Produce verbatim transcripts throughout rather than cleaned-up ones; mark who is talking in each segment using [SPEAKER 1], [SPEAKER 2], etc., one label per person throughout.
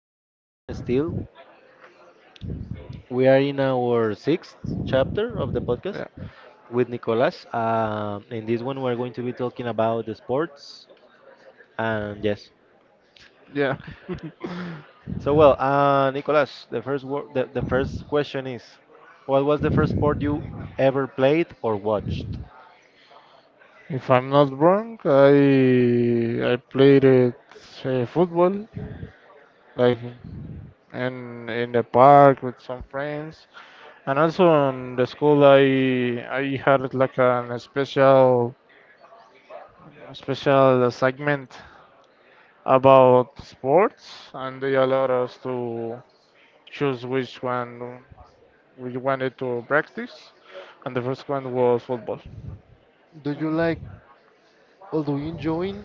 [SPEAKER 1] morning. Still, we are in our sixth chapter of the podcast
[SPEAKER 2] Yeah,
[SPEAKER 1] with Nicolas. Um, in this one, we're going to be talking about the sports and yes.
[SPEAKER 2] yeah.
[SPEAKER 1] So, well, uh, Nicolas, the first wor- the, the first question is, what was the first sport you ever played or watched?
[SPEAKER 2] If I'm not wrong, I I played it, uh, football, like in in the park with some friends. And also in the school, I I had like an special special segment about sports, and they allowed us to choose which one we wanted to practice, and the first one was football.
[SPEAKER 1] Do you like or do you enjoy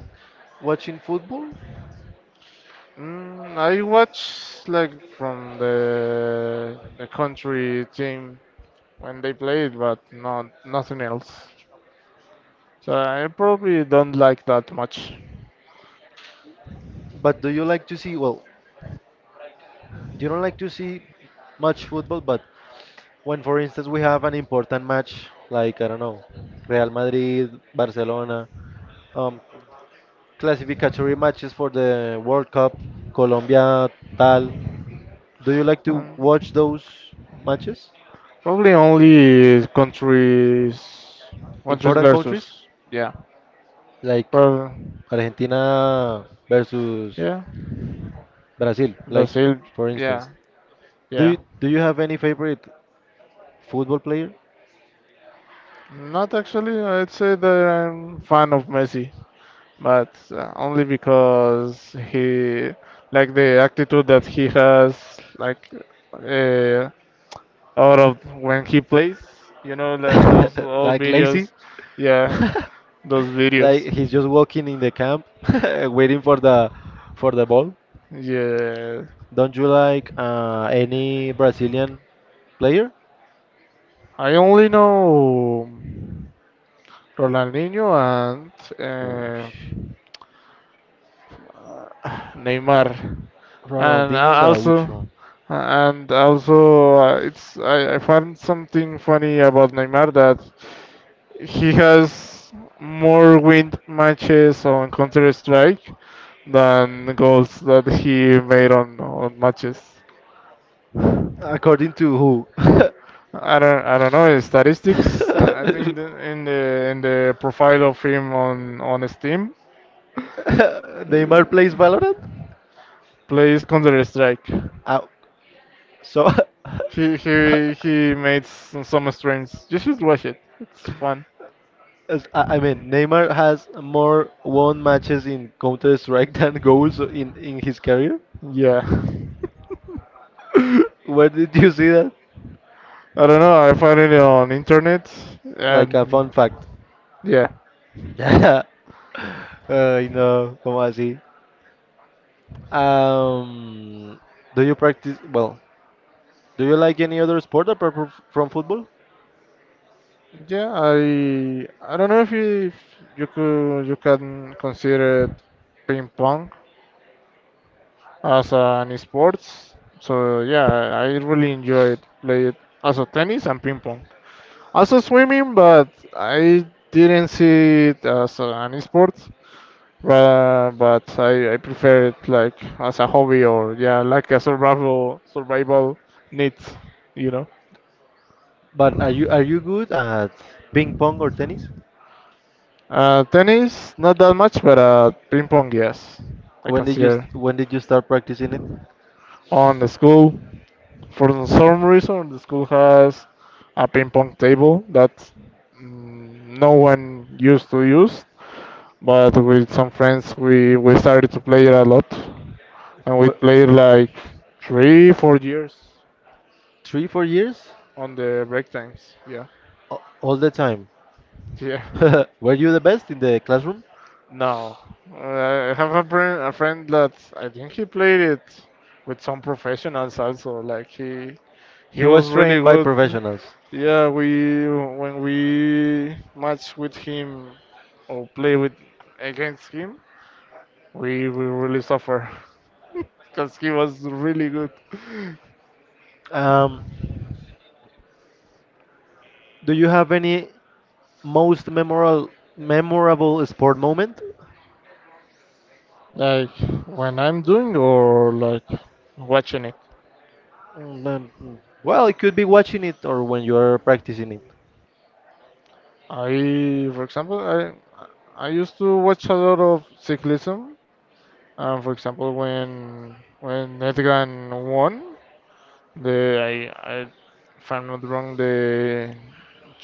[SPEAKER 1] watching football?
[SPEAKER 2] Mm, I watch like from the the country team when they play it, but not nothing else. So I probably don't like that much.
[SPEAKER 1] But do you like to see? Well, you don't like to see much football, but when, for instance, we have an important match like, I don't know, Real Madrid, Barcelona, um, classificatory matches for the World Cup, Colombia, tal. Do you like to
[SPEAKER 2] Um,
[SPEAKER 1] watch those matches?
[SPEAKER 2] Probably only countries countries
[SPEAKER 1] Important countries
[SPEAKER 2] versus, yeah.
[SPEAKER 1] like
[SPEAKER 2] But
[SPEAKER 1] Argentina versus
[SPEAKER 2] yeah,
[SPEAKER 1] Brazil, like
[SPEAKER 2] Brazil,
[SPEAKER 1] for
[SPEAKER 2] yeah
[SPEAKER 1] instance. Do
[SPEAKER 2] yeah.
[SPEAKER 1] you, do you have any favorite football player?
[SPEAKER 2] Not actually. I'd say that I'm fan of Messi, but uh, only because he, like, the attitude that he has, like, uh, out of when he plays, you know, the, those old
[SPEAKER 1] Like lazy?
[SPEAKER 2] videos. Yeah. Those videos,
[SPEAKER 1] Like he's just walking in the camp waiting for the for the ball?
[SPEAKER 2] yeah.
[SPEAKER 1] Don't you like uh, any Brazilian player?
[SPEAKER 2] I only know Ronaldinho and uh,
[SPEAKER 1] Oosh.
[SPEAKER 2] Neymar. and
[SPEAKER 1] Ronaldinho
[SPEAKER 2] a- also
[SPEAKER 1] Gaúcho.
[SPEAKER 2] uh, and also uh, it's I, I found something funny about Neymar, that he has more win matches on Counter Strike than goals that he made on, on matches. I
[SPEAKER 1] According to who?
[SPEAKER 2] don't I don't know his statistics. I think the, in the in the profile of him on on Steam,
[SPEAKER 1] Neymar plays
[SPEAKER 2] uh,
[SPEAKER 1] Valorant?
[SPEAKER 2] plays Counter Strike.
[SPEAKER 1] Uh, so,
[SPEAKER 2] He he he made s- some streams. You should watch it. It's fun.
[SPEAKER 1] as- I I mean, Neymar has more won matches in Counter Strike than goals in, in his career.
[SPEAKER 2] Yeah.
[SPEAKER 1] Where did you see that?
[SPEAKER 2] I don't know. I find it on internet.
[SPEAKER 1] Like a
[SPEAKER 2] And
[SPEAKER 1] fun fact.
[SPEAKER 2] yeah,
[SPEAKER 1] Ay, no, ¿cómo así? Um, do you practice? Well, do you like any other sport apart fro- from football?
[SPEAKER 2] yeah. I I don't know if you, if you could, you can consider ping pong as an sports. So yeah, I really enjoyed play it, also tennis and ping pong. Also swimming, but I didn't see it as an sports. But, but I, I prefer it like as a hobby or, yeah, like a survival survival need, you know.
[SPEAKER 1] But are you are you good at ping pong or tennis?
[SPEAKER 2] Uh, tennis, not that much, but uh, ping pong, yes. I
[SPEAKER 1] When did you
[SPEAKER 2] consider
[SPEAKER 1] st- when did you start practicing it?
[SPEAKER 2] on the school. For some reason, the school has a ping pong table that, mm, no one used to use, but with some friends, we, we started to play it a lot. And we
[SPEAKER 1] Wh-
[SPEAKER 2] played like three, four years
[SPEAKER 1] Three, four years?
[SPEAKER 2] on the break times. Yeah.
[SPEAKER 1] A- All the time.
[SPEAKER 2] Yeah.
[SPEAKER 1] Were you the best in the classroom?
[SPEAKER 2] No, Uh, I have a friend, a friend that I think he played it with some professionals also. Like he he
[SPEAKER 1] He
[SPEAKER 2] was
[SPEAKER 1] was
[SPEAKER 2] really
[SPEAKER 1] trained by
[SPEAKER 2] good.
[SPEAKER 1] professionals.
[SPEAKER 2] Yeah, we, when we match with him or play with, against him, we we really suffer because he was really good.
[SPEAKER 1] Um, do you have any most memorable memorable sport moment?
[SPEAKER 2] Like when I'm doing or like watching it.
[SPEAKER 1] Mm, um, mm. Well, it could be watching it or when you are practicing it.
[SPEAKER 2] I, for example, I I used to watch a lot of cyclism. Um, for example, when when Erdogan won the, I, I, if I'm not wrong, the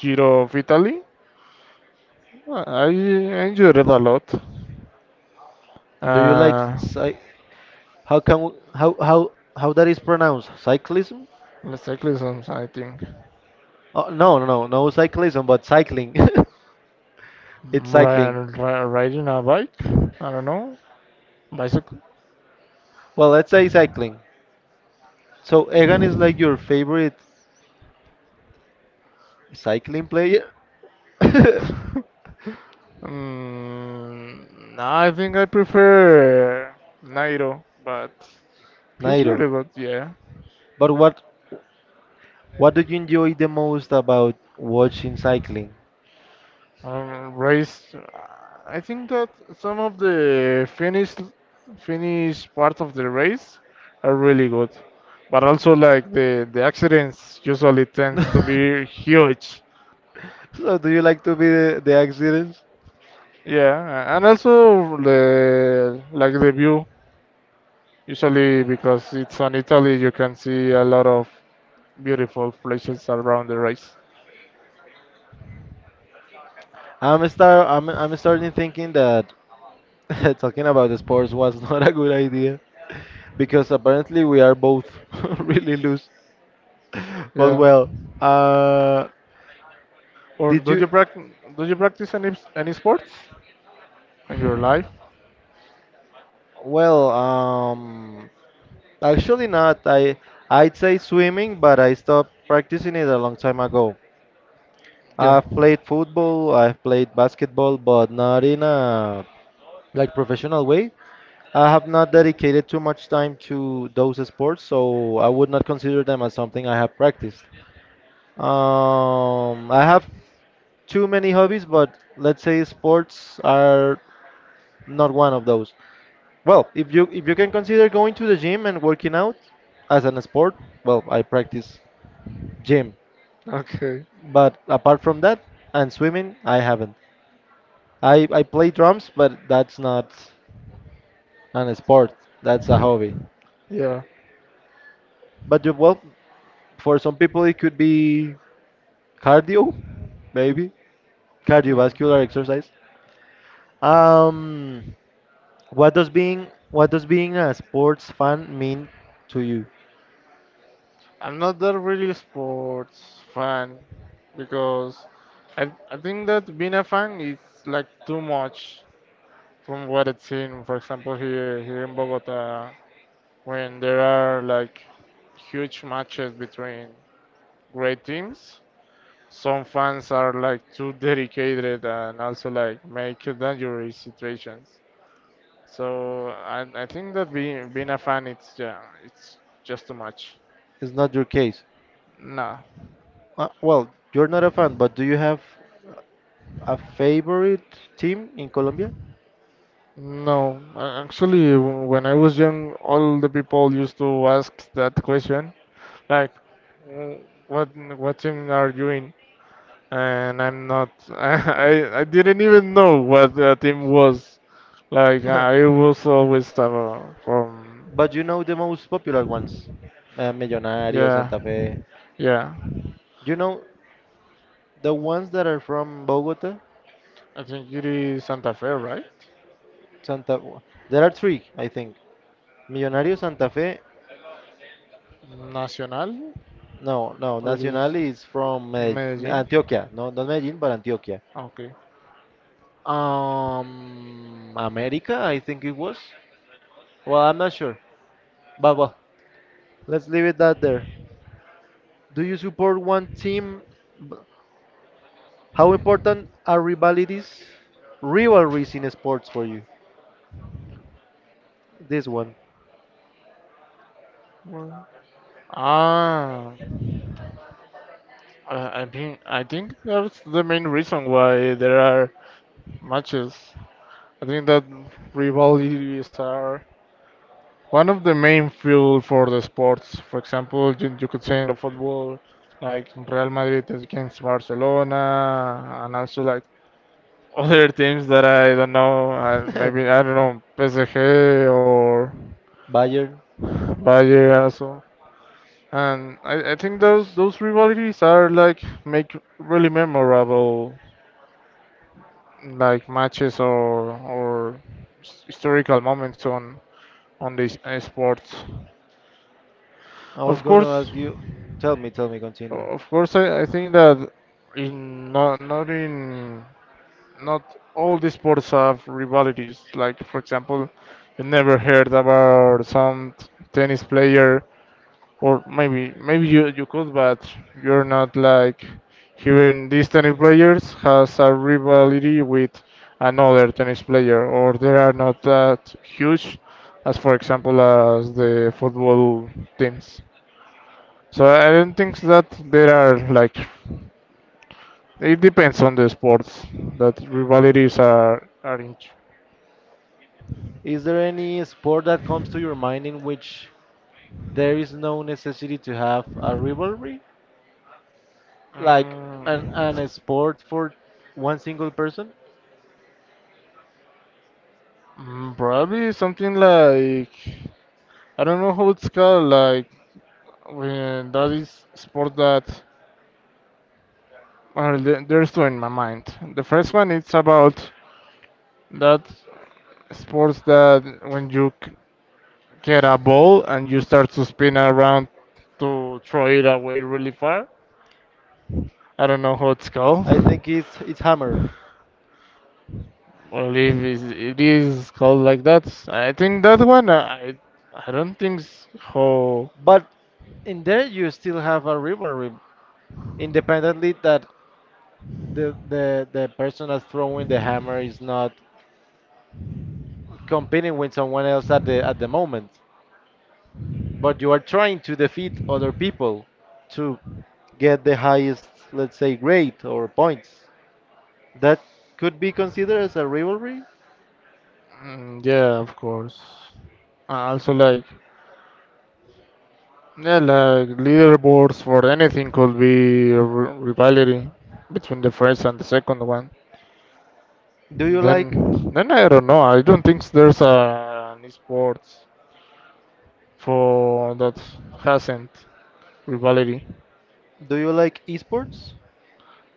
[SPEAKER 2] Giro of Italy. I I enjoyed it a lot.
[SPEAKER 1] Do you like
[SPEAKER 2] Uh,
[SPEAKER 1] cy- how can w- how how how that is pronounced? Cyclism?
[SPEAKER 2] the cyclism, I think.
[SPEAKER 1] Oh, no, no, no, no cyclism, but cycling. It's
[SPEAKER 2] Ri-
[SPEAKER 1] cycling.
[SPEAKER 2] ri- Riding a bike, I don't know, bicycle.
[SPEAKER 1] Well, let's say cycling. So Egan is like your favorite cycling player?
[SPEAKER 2] Mm, nah, I think I prefer Nairo, but he's
[SPEAKER 1] Nairo.
[SPEAKER 2] really good, yeah.
[SPEAKER 1] But what what do you enjoy the most about watching cycling?
[SPEAKER 2] Uh, rice. Uh, I think that some of the Finnish Finnish parts of the race are really good, but also like the the accidents usually tends to be huge.
[SPEAKER 1] So do you like to be the, the accidents?
[SPEAKER 2] Yeah, and also the, like, the view, usually because it's on Italy, you can see a lot of beautiful places around the race.
[SPEAKER 1] I'm start I'm I'm starting thinking that talking about the sports was not a good idea because apparently we are both really loose. But
[SPEAKER 2] Yeah.
[SPEAKER 1] well, uh,
[SPEAKER 2] Or
[SPEAKER 1] did
[SPEAKER 2] do
[SPEAKER 1] you?
[SPEAKER 2] you practice do you practice any any sports in your life?
[SPEAKER 1] Well, um, actually not. I I'd say swimming, but I stopped practicing it a long time ago.
[SPEAKER 2] Yeah.
[SPEAKER 1] I've played football, I've played basketball, but not in a like professional way. I have not dedicated too much time to those sports, so I would not consider them as something I have practiced. Um, I have too many hobbies, but let's say sports are not one of those. Well, if you if you can consider going to the gym and working out as an sport, well, I practice gym.
[SPEAKER 2] Okay.
[SPEAKER 1] But apart from that and swimming, I haven't. I I play drums, but that's not an sport. That's a hobby.
[SPEAKER 2] Yeah.
[SPEAKER 1] But you- well, for some people it could be cardio, maybe.
[SPEAKER 2] Hmm.
[SPEAKER 1] Cardiovascular exercise. Um, what does being what does being a sports fan mean to you?
[SPEAKER 2] I'm not that really sports fan, because I I think that being a fan is like too much from what I've seen. For example, here here in Bogota, when there are like huge matches between great teams, some fans are like too dedicated and also like make dangerous situations. So I, I think that being being a fan, it's yeah it's just too much.
[SPEAKER 1] It's not your case.
[SPEAKER 2] Nah.
[SPEAKER 1] Uh, well, you're not a fan, but do you have a favorite team in Colombia?
[SPEAKER 2] No, a- actually, w- when I was young, all the people used to ask that question, like, "Wh- what what team are you in?" And I'm not. I I didn't even know what the team was. Like I was always, uh, from,
[SPEAKER 1] But you know the most popular ones, uh, Millonarios,
[SPEAKER 2] yeah.
[SPEAKER 1] Santa Fe.
[SPEAKER 2] Yeah,
[SPEAKER 1] You know the ones that are from Bogota.
[SPEAKER 2] I think it is Santa Fe, right?
[SPEAKER 1] Santa. There are three, I think. Millonario Santa Fe.
[SPEAKER 2] Nacional,
[SPEAKER 1] No, no.
[SPEAKER 2] or it is
[SPEAKER 1] Nacional is from Medell-
[SPEAKER 2] Medellin?
[SPEAKER 1] Antioquia. No, not Medellin, but Antioquia.
[SPEAKER 2] Okay.
[SPEAKER 1] Um, America, I think it was. Well, I'm not sure. But well, let's leave it that there. Do you support one team? B- How important are rivalities, rivalries in sports for you? This one.
[SPEAKER 2] Well, ah, I, I think I think that's the main reason why there are matches. I think that rivalries are one of the main fuel for the sports. For example, you, you could say in the football, like Real Madrid is against Barcelona, and also like other teams that I don't know, uh, maybe I don't know, P S G or
[SPEAKER 1] Bayern.
[SPEAKER 2] Bayern also. And I, I think those those rivalries are like make really memorable, like, matches or or his- historical moments on on these uh, sports.
[SPEAKER 1] I was
[SPEAKER 2] Of
[SPEAKER 1] gonna
[SPEAKER 2] course,
[SPEAKER 1] ask you. Tell me, tell me, continue.
[SPEAKER 2] of course, I, I think that in not not in not all the sports have rivalities. Like, for example, you never heard about some t- tennis player, or maybe, maybe you, you could, but you're not like hearing these tennis players has a rivalry with another tennis player, or they are not that huge, as for example as the football teams. So I don't think that there are like, it depends on the sports that rivalities are are in.
[SPEAKER 1] Is there any sport that comes to your mind in which there is no necessity to have a rivalry? Like an, an a
[SPEAKER 2] Mm,
[SPEAKER 1] sport for one single person?
[SPEAKER 2] mm, probably something like, I don't know how it's called. Like when that is sport that, well, the- there's two in my mind. The first one, it's about that sports that when you c- get a ball and you start to spin around to throw it away really far. I don't know how it's called.
[SPEAKER 1] I think it's it's hammer.
[SPEAKER 2] Or if it is called like that, I think that one, uh, I, I don't think so.
[SPEAKER 1] But in there you still have a rivalry independently that the the, the person that's throwing the hammer is not competing with someone else at the at the moment. But you are trying to defeat other people to get the highest, let's say, grade or points. That could be considered as a rivalry.
[SPEAKER 2] Mm, yeah, of course. Uh, Also, like, yeah, like, leaderboards for anything could be a r- rivalry between the first and the second one.
[SPEAKER 1] Do you like
[SPEAKER 2] Then, then I don't know. I don't think there's a, an esports for that hasn't rivalry.
[SPEAKER 1] do you like esports?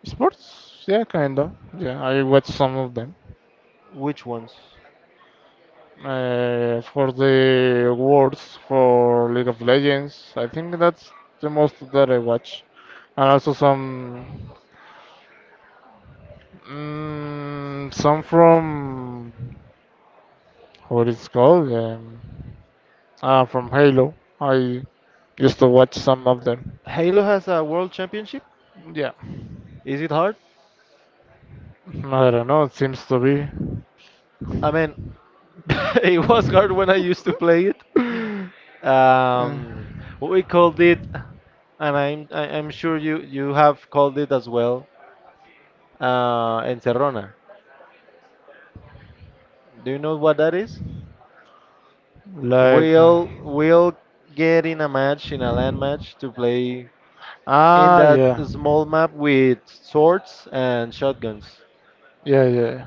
[SPEAKER 2] Sports, yeah, kinda. Yeah, I watch some of them.
[SPEAKER 1] Which ones?
[SPEAKER 2] Uh, for the awards for League of Legends. I think that's the most that I watch, and also some, mm, some from, what it's called, um, uh, from Halo. I used to watch some of them.
[SPEAKER 1] Halo has a world championship.
[SPEAKER 2] Yeah,
[SPEAKER 1] Is it hard?
[SPEAKER 2] I don't know. It seems to be
[SPEAKER 1] I mean, it was hard when I used to play it.
[SPEAKER 2] uh,
[SPEAKER 1] Um, we called it, and I'm I- I'm sure you you have called it as well. Uh, Encerrona. Do you know what that is?
[SPEAKER 2] like, uh,
[SPEAKER 1] We'll we'll get in a match in a land match to play in
[SPEAKER 2] ah,
[SPEAKER 1] that
[SPEAKER 2] yeah.
[SPEAKER 1] small map with swords and shotguns.
[SPEAKER 2] Yeah yeah. yeah.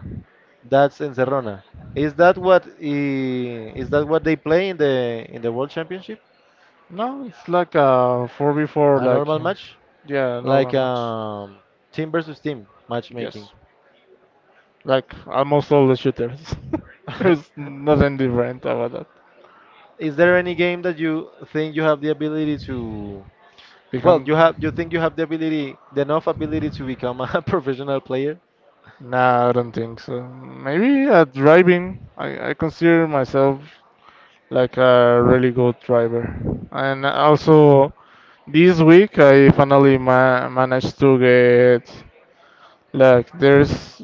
[SPEAKER 1] That's Encerrona. Is that what i- is that what they play in the in the World Championship?
[SPEAKER 2] No, it's like a four v four,
[SPEAKER 1] A
[SPEAKER 2] like,
[SPEAKER 1] normal match
[SPEAKER 2] yeah, normal
[SPEAKER 1] like
[SPEAKER 2] match.
[SPEAKER 1] um, team versus team matchmaking.
[SPEAKER 2] Yes. Like almost all the shooters. There's nothing different about that.
[SPEAKER 1] Is there any game that you think you have the ability to? Well,
[SPEAKER 2] Become.
[SPEAKER 1] you have you think you have the ability, the enough ability to become a professional player?
[SPEAKER 2] Nah, I don't think so. Maybe at driving. I, I consider myself like a really good driver. And also, this week I finally ma managed to get, like, there's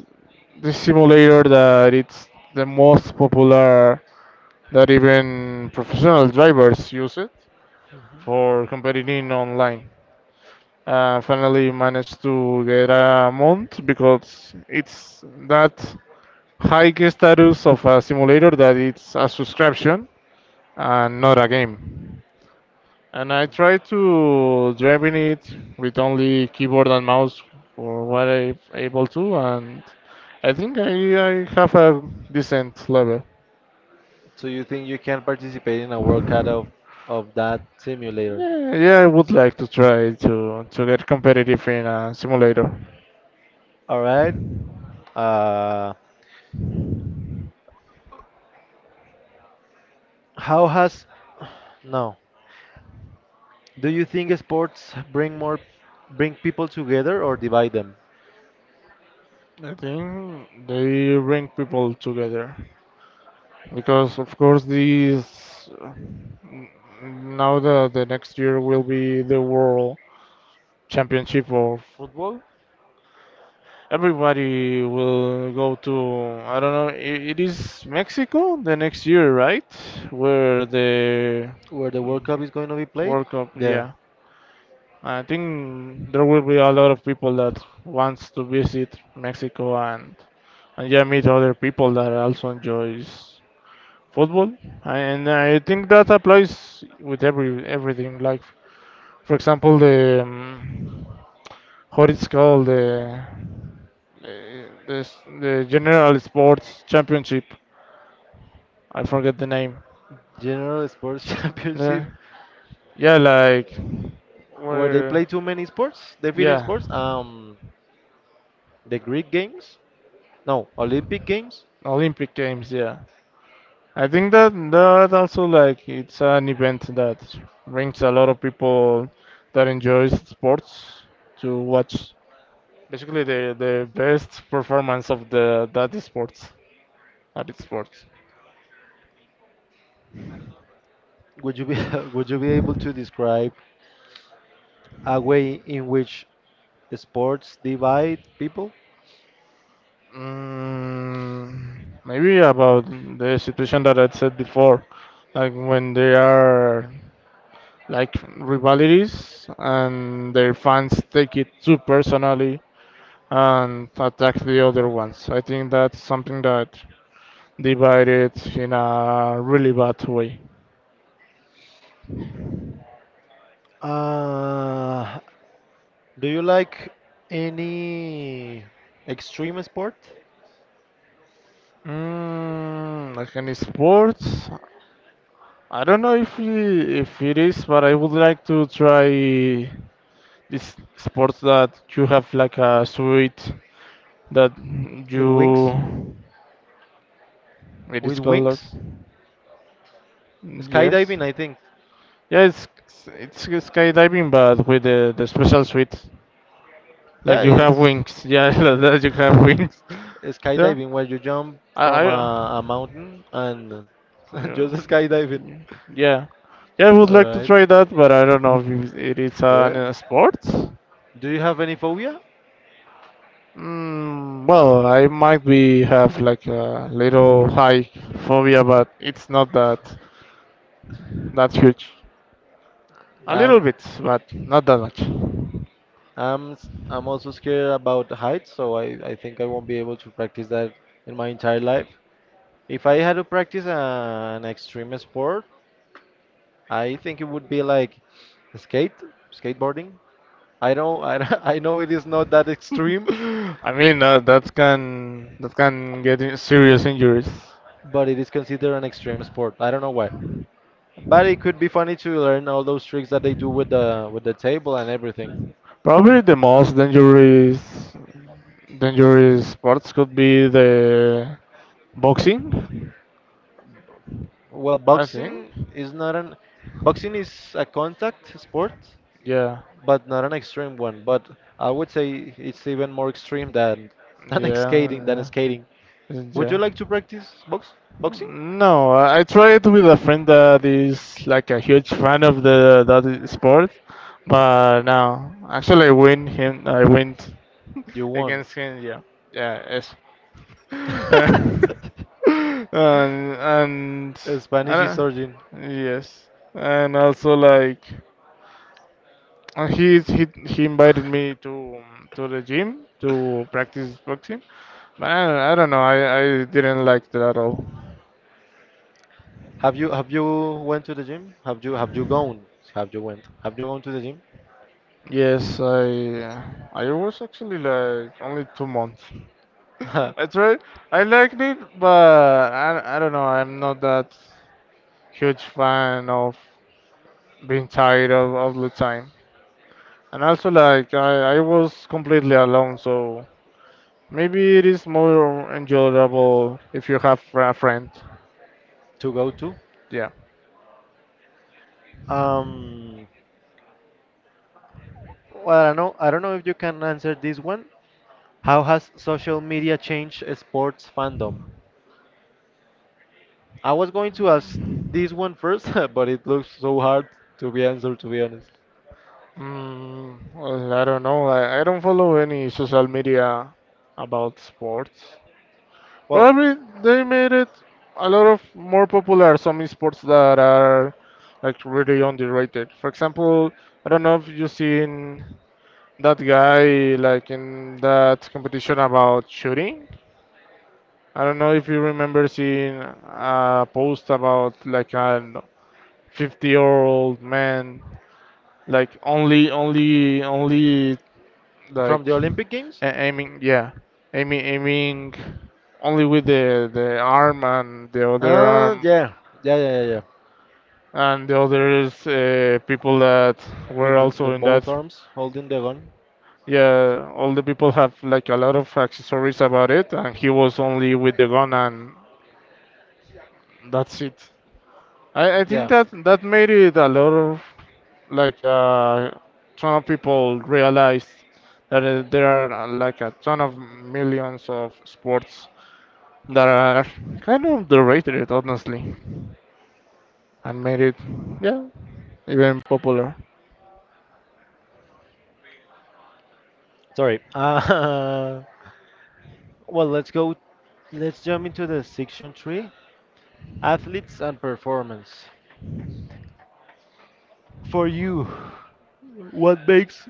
[SPEAKER 2] this simulator that it's the most popular, that even professional drivers use it for competing online. Uh, finally managed to get a mount because it's that high status of a simulator that it's a subscription and not a game. And I tried to driving it with only keyboard and mouse for what I am able to, and I think I, I have a decent level.
[SPEAKER 1] So you think you can participate in a World Cup of, of that simulator?
[SPEAKER 2] Yeah, yeah, I would like to try to to get competitive in a simulator.
[SPEAKER 1] All right. Uh, how has no? Do you think sports bring more bring people together or divide them?
[SPEAKER 2] I think they bring people together because, of course, these, uh, now the the next year will be the World Championship of football. Everybody will go to, I don't know. i- It is Mexico the next year, right? Where the,
[SPEAKER 1] Where the
[SPEAKER 2] mm,
[SPEAKER 1] World Cup is going to be played?
[SPEAKER 2] World Cup,
[SPEAKER 1] Yeah,
[SPEAKER 2] yeah. I think there will be a lot of people that wants to visit Mexico, and and yeah, meet other people that also enjoys football. And I think that applies with every everything, like, for example, the, um, what it's called, the the, the s- the general sports championship. I forget the name.
[SPEAKER 1] General Sports
[SPEAKER 2] Yeah,
[SPEAKER 1] Championship.
[SPEAKER 2] yeah, like,
[SPEAKER 1] Where they
[SPEAKER 2] where,
[SPEAKER 1] play too many sports, different
[SPEAKER 2] yeah,
[SPEAKER 1] sports. Um, the Greek Games? No, Olympic Games.
[SPEAKER 2] olympic games, yeah. I think that that also, like, it's an event that brings a lot of people that enjoys sports to watch basically the the best performance of the, that sports at its sports.
[SPEAKER 1] Would you be would you be able to describe a way in which sports divide people?
[SPEAKER 2] Mm, maybe about the situation that I said before, like when they are like rivalities and their fans take it too personally and attack the other ones. I think that's something that divided in a really bad way.
[SPEAKER 1] Uh, Do you like any extreme sport
[SPEAKER 2] Mm, like any sports, I don't know if it, if it is, but I would like to try this sports that you have like a suite, that
[SPEAKER 1] with
[SPEAKER 2] you,
[SPEAKER 1] wings?
[SPEAKER 2] it
[SPEAKER 1] With
[SPEAKER 2] is called like,
[SPEAKER 1] wings?
[SPEAKER 2] yes,
[SPEAKER 1] Skydiving, I think.
[SPEAKER 2] yeah, it's it's skydiving but with the, the special suite, like
[SPEAKER 1] Yeah,
[SPEAKER 2] you have
[SPEAKER 1] it's
[SPEAKER 2] wings, yeah that you have wings, yeah.
[SPEAKER 1] skydiving where you jump
[SPEAKER 2] I,
[SPEAKER 1] from
[SPEAKER 2] I
[SPEAKER 1] a, a mountain and
[SPEAKER 2] yeah
[SPEAKER 1] just skydiving.
[SPEAKER 2] yeah yeah yeah, I would
[SPEAKER 1] All
[SPEAKER 2] like to
[SPEAKER 1] right.
[SPEAKER 2] try that, but I don't know if it is
[SPEAKER 1] Yeah.
[SPEAKER 2] an uh, sport.
[SPEAKER 1] Do you have any phobia?
[SPEAKER 2] Mm, well, I might be have like a little high phobia, but it's not that that huge. A little
[SPEAKER 1] Um,
[SPEAKER 2] bit, but not that much.
[SPEAKER 1] I'm s- I'm also scared about heights, so I, I think I won't be able to practice that in my entire life. If I had to practice an extreme sport, I think it would be like skate, skateboarding. I don't, I, don't- I know it is not that extreme,
[SPEAKER 2] I mean, uh, that can that can get in serious injuries.
[SPEAKER 1] but it is considered an extreme sport. I don't know why, but it could be funny to learn all those tricks that they do with the with the table and everything.
[SPEAKER 2] Probably the most dangerous dangerous sports could be the boxing.
[SPEAKER 1] Well,
[SPEAKER 2] I think.
[SPEAKER 1] boxing is not an boxing is a contact sport,
[SPEAKER 2] Yeah.
[SPEAKER 1] but not an extreme one. But I would say it's even more extreme than than skating than
[SPEAKER 2] Yeah.
[SPEAKER 1] skating.
[SPEAKER 2] Yeah.
[SPEAKER 1] Would you
[SPEAKER 2] Yeah.
[SPEAKER 1] like to practice box boxing?
[SPEAKER 2] No, I tried with a friend that is like a huge fan of the that sport, but no, actually I win him. I win
[SPEAKER 1] You won.
[SPEAKER 2] Against him. Yeah, yeah, yes. Uh, and and
[SPEAKER 1] Uh, Spanish is
[SPEAKER 2] I,
[SPEAKER 1] origin.
[SPEAKER 2] yes, and also like, uh, he he he invited me to to the gym to practice boxing, but I don't, I don't know. I I didn't like that at all.
[SPEAKER 1] Have you have you went to the gym? Have you have you gone? Have you went? Have you gone to the gym?
[SPEAKER 2] Yes, I I was actually like only two months. I tried. I liked it, but I, I don't know. I'm not that huge fan of being tired of of the time. And also, like I I was completely alone, so maybe it is more enjoyable if you have a friend.
[SPEAKER 1] To go to?
[SPEAKER 2] Yeah.
[SPEAKER 1] Um, well, I don't know. I don't know if you can answer this one. How has social media changed sports fandom? I was going to ask this one first, but it looks so hard to be answered, to be honest.
[SPEAKER 2] Mm, well, I don't know. I, I don't follow any social media about sports.
[SPEAKER 1] Well,
[SPEAKER 2] Probably they made it a lot of more popular some sports that are like really underrated. For example, I don't know if you've seen that guy like in that competition about shooting. I don't know if you remember seeing a post about like a fifty year old man like only only only
[SPEAKER 1] from the
[SPEAKER 2] like
[SPEAKER 1] Olympic Games?
[SPEAKER 2] a- aiming, yeah, aiming aiming only with the the arm and the other
[SPEAKER 1] Uh,
[SPEAKER 2] arm
[SPEAKER 1] yeah, yeah, yeah, yeah, yeah.
[SPEAKER 2] and the others uh, people that were
[SPEAKER 1] With the, the
[SPEAKER 2] also in that,
[SPEAKER 1] both arms holding the gun.
[SPEAKER 2] yeah. All the people have like a lot of accessories about it, and he was only with the gun and that's it. I, I think
[SPEAKER 1] Yeah.
[SPEAKER 2] that that made it a lot of like uh ton of people realized that uh, there are uh, like a ton of millions of sports that are kind of derided, honestly, and made it, yeah, even popular.
[SPEAKER 1] Sorry. Uh, well, let's go. Let's jump into the section three: athletes and performance. For you, what makes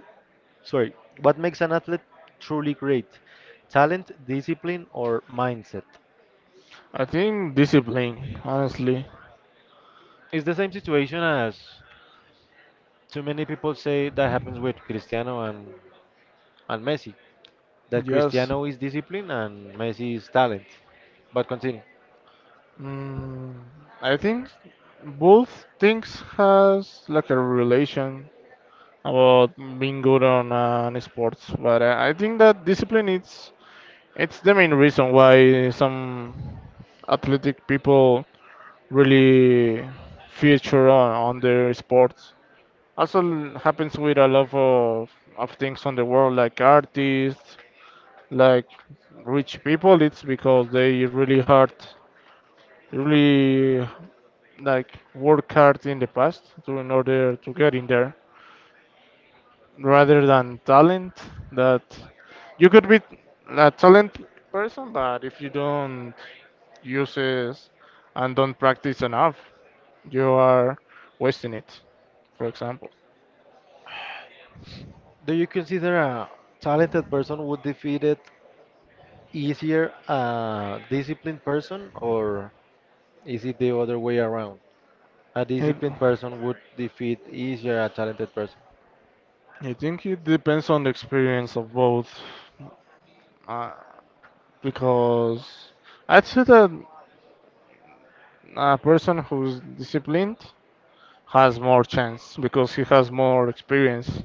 [SPEAKER 1] Sorry, what makes an athlete truly great? Talent, discipline, or mindset?
[SPEAKER 2] I think discipline, honestly.
[SPEAKER 1] It's the same situation as too many people say that happens with Cristiano and, and Messi. That
[SPEAKER 2] Yes.
[SPEAKER 1] Cristiano is discipline and Messi is talent. But continue.
[SPEAKER 2] Mm, I think both things has like a relation about being good on uh, on sports, but I, I think that discipline it's it's the main reason why some athletic people really feature on, on their sports. Also l- happens with a lot of, of things on the world, like artists, like rich people. It's because they really hard, really like work hard in the past to in order to get in there, rather than talent. That you could be a talent person, but if you don't use it and don't practice enough, you are wasting it. For example,
[SPEAKER 1] Do you consider a talented person would defeat it easier a disciplined person, or is it the other way around? A
[SPEAKER 2] it.
[SPEAKER 1] disciplined person would defeat easier a talented person.
[SPEAKER 2] I think it depends on the experience of both, uh, because I'd say that a person who's disciplined has more chance because he has more experience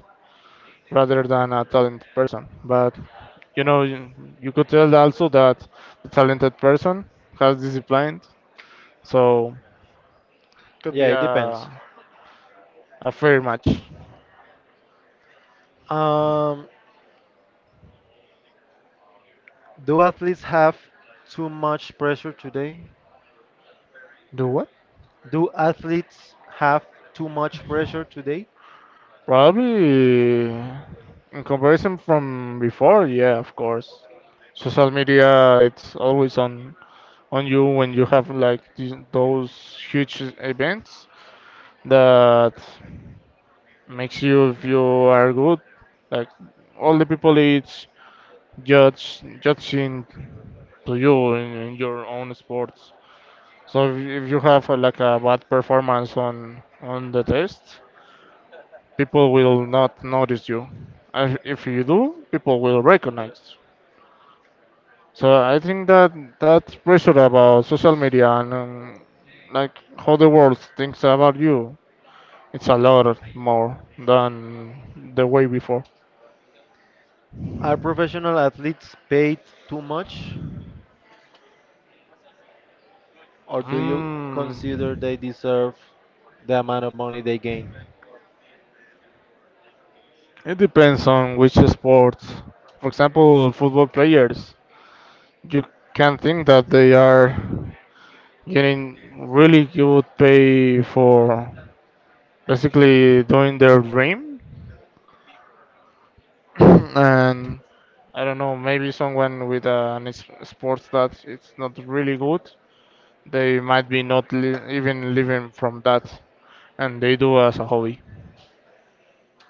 [SPEAKER 2] rather than a talented person. But you know, you, you could tell also that the talented person has disciplined, so could
[SPEAKER 1] Yeah,
[SPEAKER 2] be
[SPEAKER 1] it depends.
[SPEAKER 2] a a fair match.
[SPEAKER 1] Um, Do athletes have too much pressure today?
[SPEAKER 2] Do what?
[SPEAKER 1] Do athletes have too much pressure today?
[SPEAKER 2] Probably in comparison from before, yeah, of course. Social media, it's always on on you when you have like these, those huge events that makes you if you are good. Like all the people it's judge judging to you in, in your own sports. So if, if you have uh, like a bad performance on on the test, people will not notice you. And if you do, people will recognize. So I think that that pressure about social media and um, like how the world thinks about you, it's a lot more than the way before.
[SPEAKER 1] Are professional athletes paid too much, or do you consider
[SPEAKER 2] Mm,
[SPEAKER 1] they deserve the amount of money they gain?
[SPEAKER 2] it depends on which sports. For example, football players, you can think that they are getting really good pay for basically doing their dream, and I don't know, maybe someone with uh, an is- sports that it's not really good, they might be not li- even living from that, and they do as a hobby.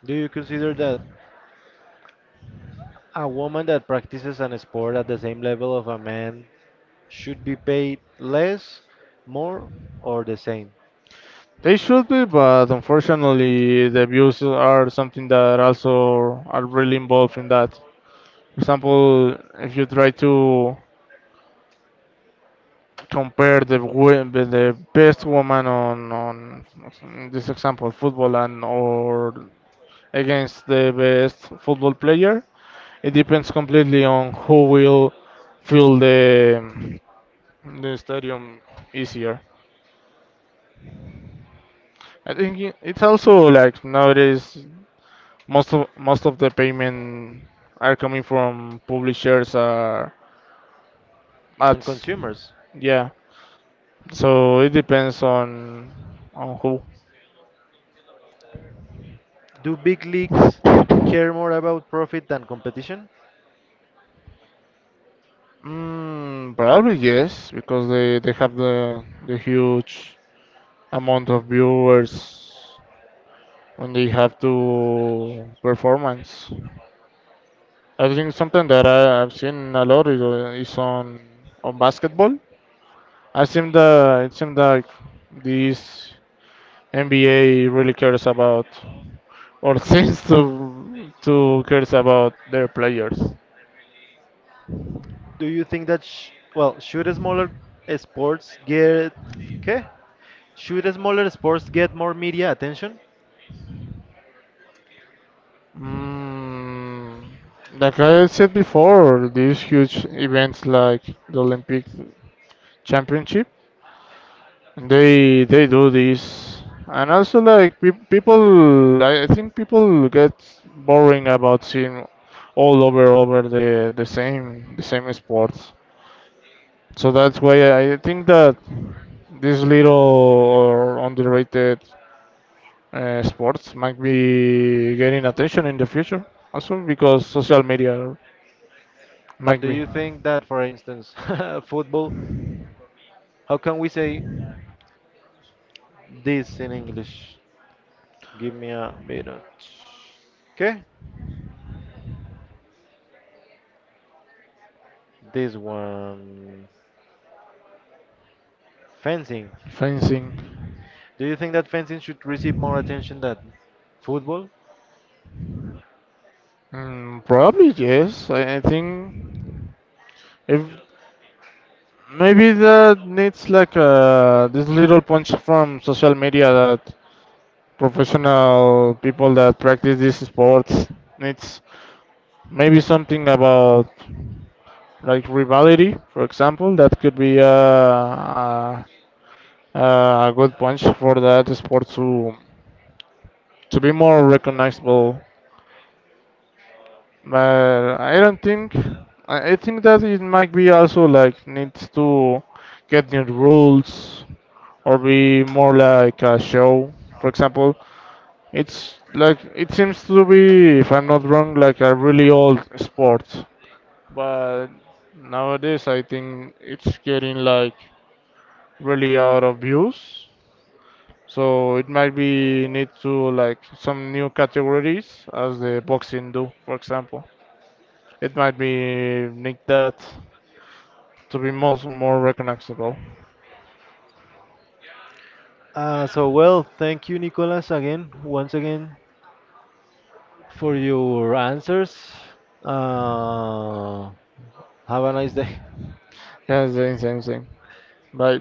[SPEAKER 1] Do you consider that a woman that practices an sport at the same level of a man should be paid less, more, or the same?
[SPEAKER 2] They should be, but unfortunately, the views are something that also are really involved in that. For example, if you try to compare the wo- the the best woman on on in this example football and or against the best football player, it depends completely on who will fill the the stadium easier. I think i- it's also like nowadays most of most of the payment are coming from publishers or
[SPEAKER 1] And
[SPEAKER 2] ads.
[SPEAKER 1] consumers,
[SPEAKER 2] Yeah, so it depends on on who.
[SPEAKER 1] do big leagues care more about profit than competition?
[SPEAKER 2] Mm, probably yes, because they they have the the huge amount of viewers when they have to performance. I think something that I, I've seen a lot is, uh, is on on basketball. I seem that it seems like this N B A really cares about or seems to to cares about their players.
[SPEAKER 1] Do you think that sh well, should smaller sports get okay? Should smaller sports get more media attention?
[SPEAKER 2] Mm, like I said before, these huge events like the Olympic Championship. They they do this, and also like pe people, I, I think people get boring about seeing all over over the the same the same sports. So that's why I think that these little or underrated uh, sports might be getting attention in the future. Also because social media
[SPEAKER 1] But
[SPEAKER 2] might
[SPEAKER 1] do
[SPEAKER 2] be
[SPEAKER 1] you think that, for instance, football, how can we say this in English? Give me a minute. Okay? This one. Fencing.
[SPEAKER 2] fencing.
[SPEAKER 1] Do you think that fencing should receive more attention than football?
[SPEAKER 2] Mm, probably yes. I, I think if maybe that needs like uh, this little punch from social media that professional people that practice these sports needs. Maybe something about like rivalry, for example, that could be uh, a, a good punch for that sport to to be more recognizable. But I don't think. I I think that it might be also like needs to get new rules or be more like a show. For example, it's like it seems to be, if I'm not wrong, like a really old sport. But nowadays, I think it's getting like really out of use. So it might be need to like some new categories as the boxing do, for example. It might be nicked that to be most more recognizable.
[SPEAKER 1] Uh, so well, thank you, Nicolas, again, once again, for your answers. Uh, Have a nice day.
[SPEAKER 2] Yeah, same, same, same. Bye.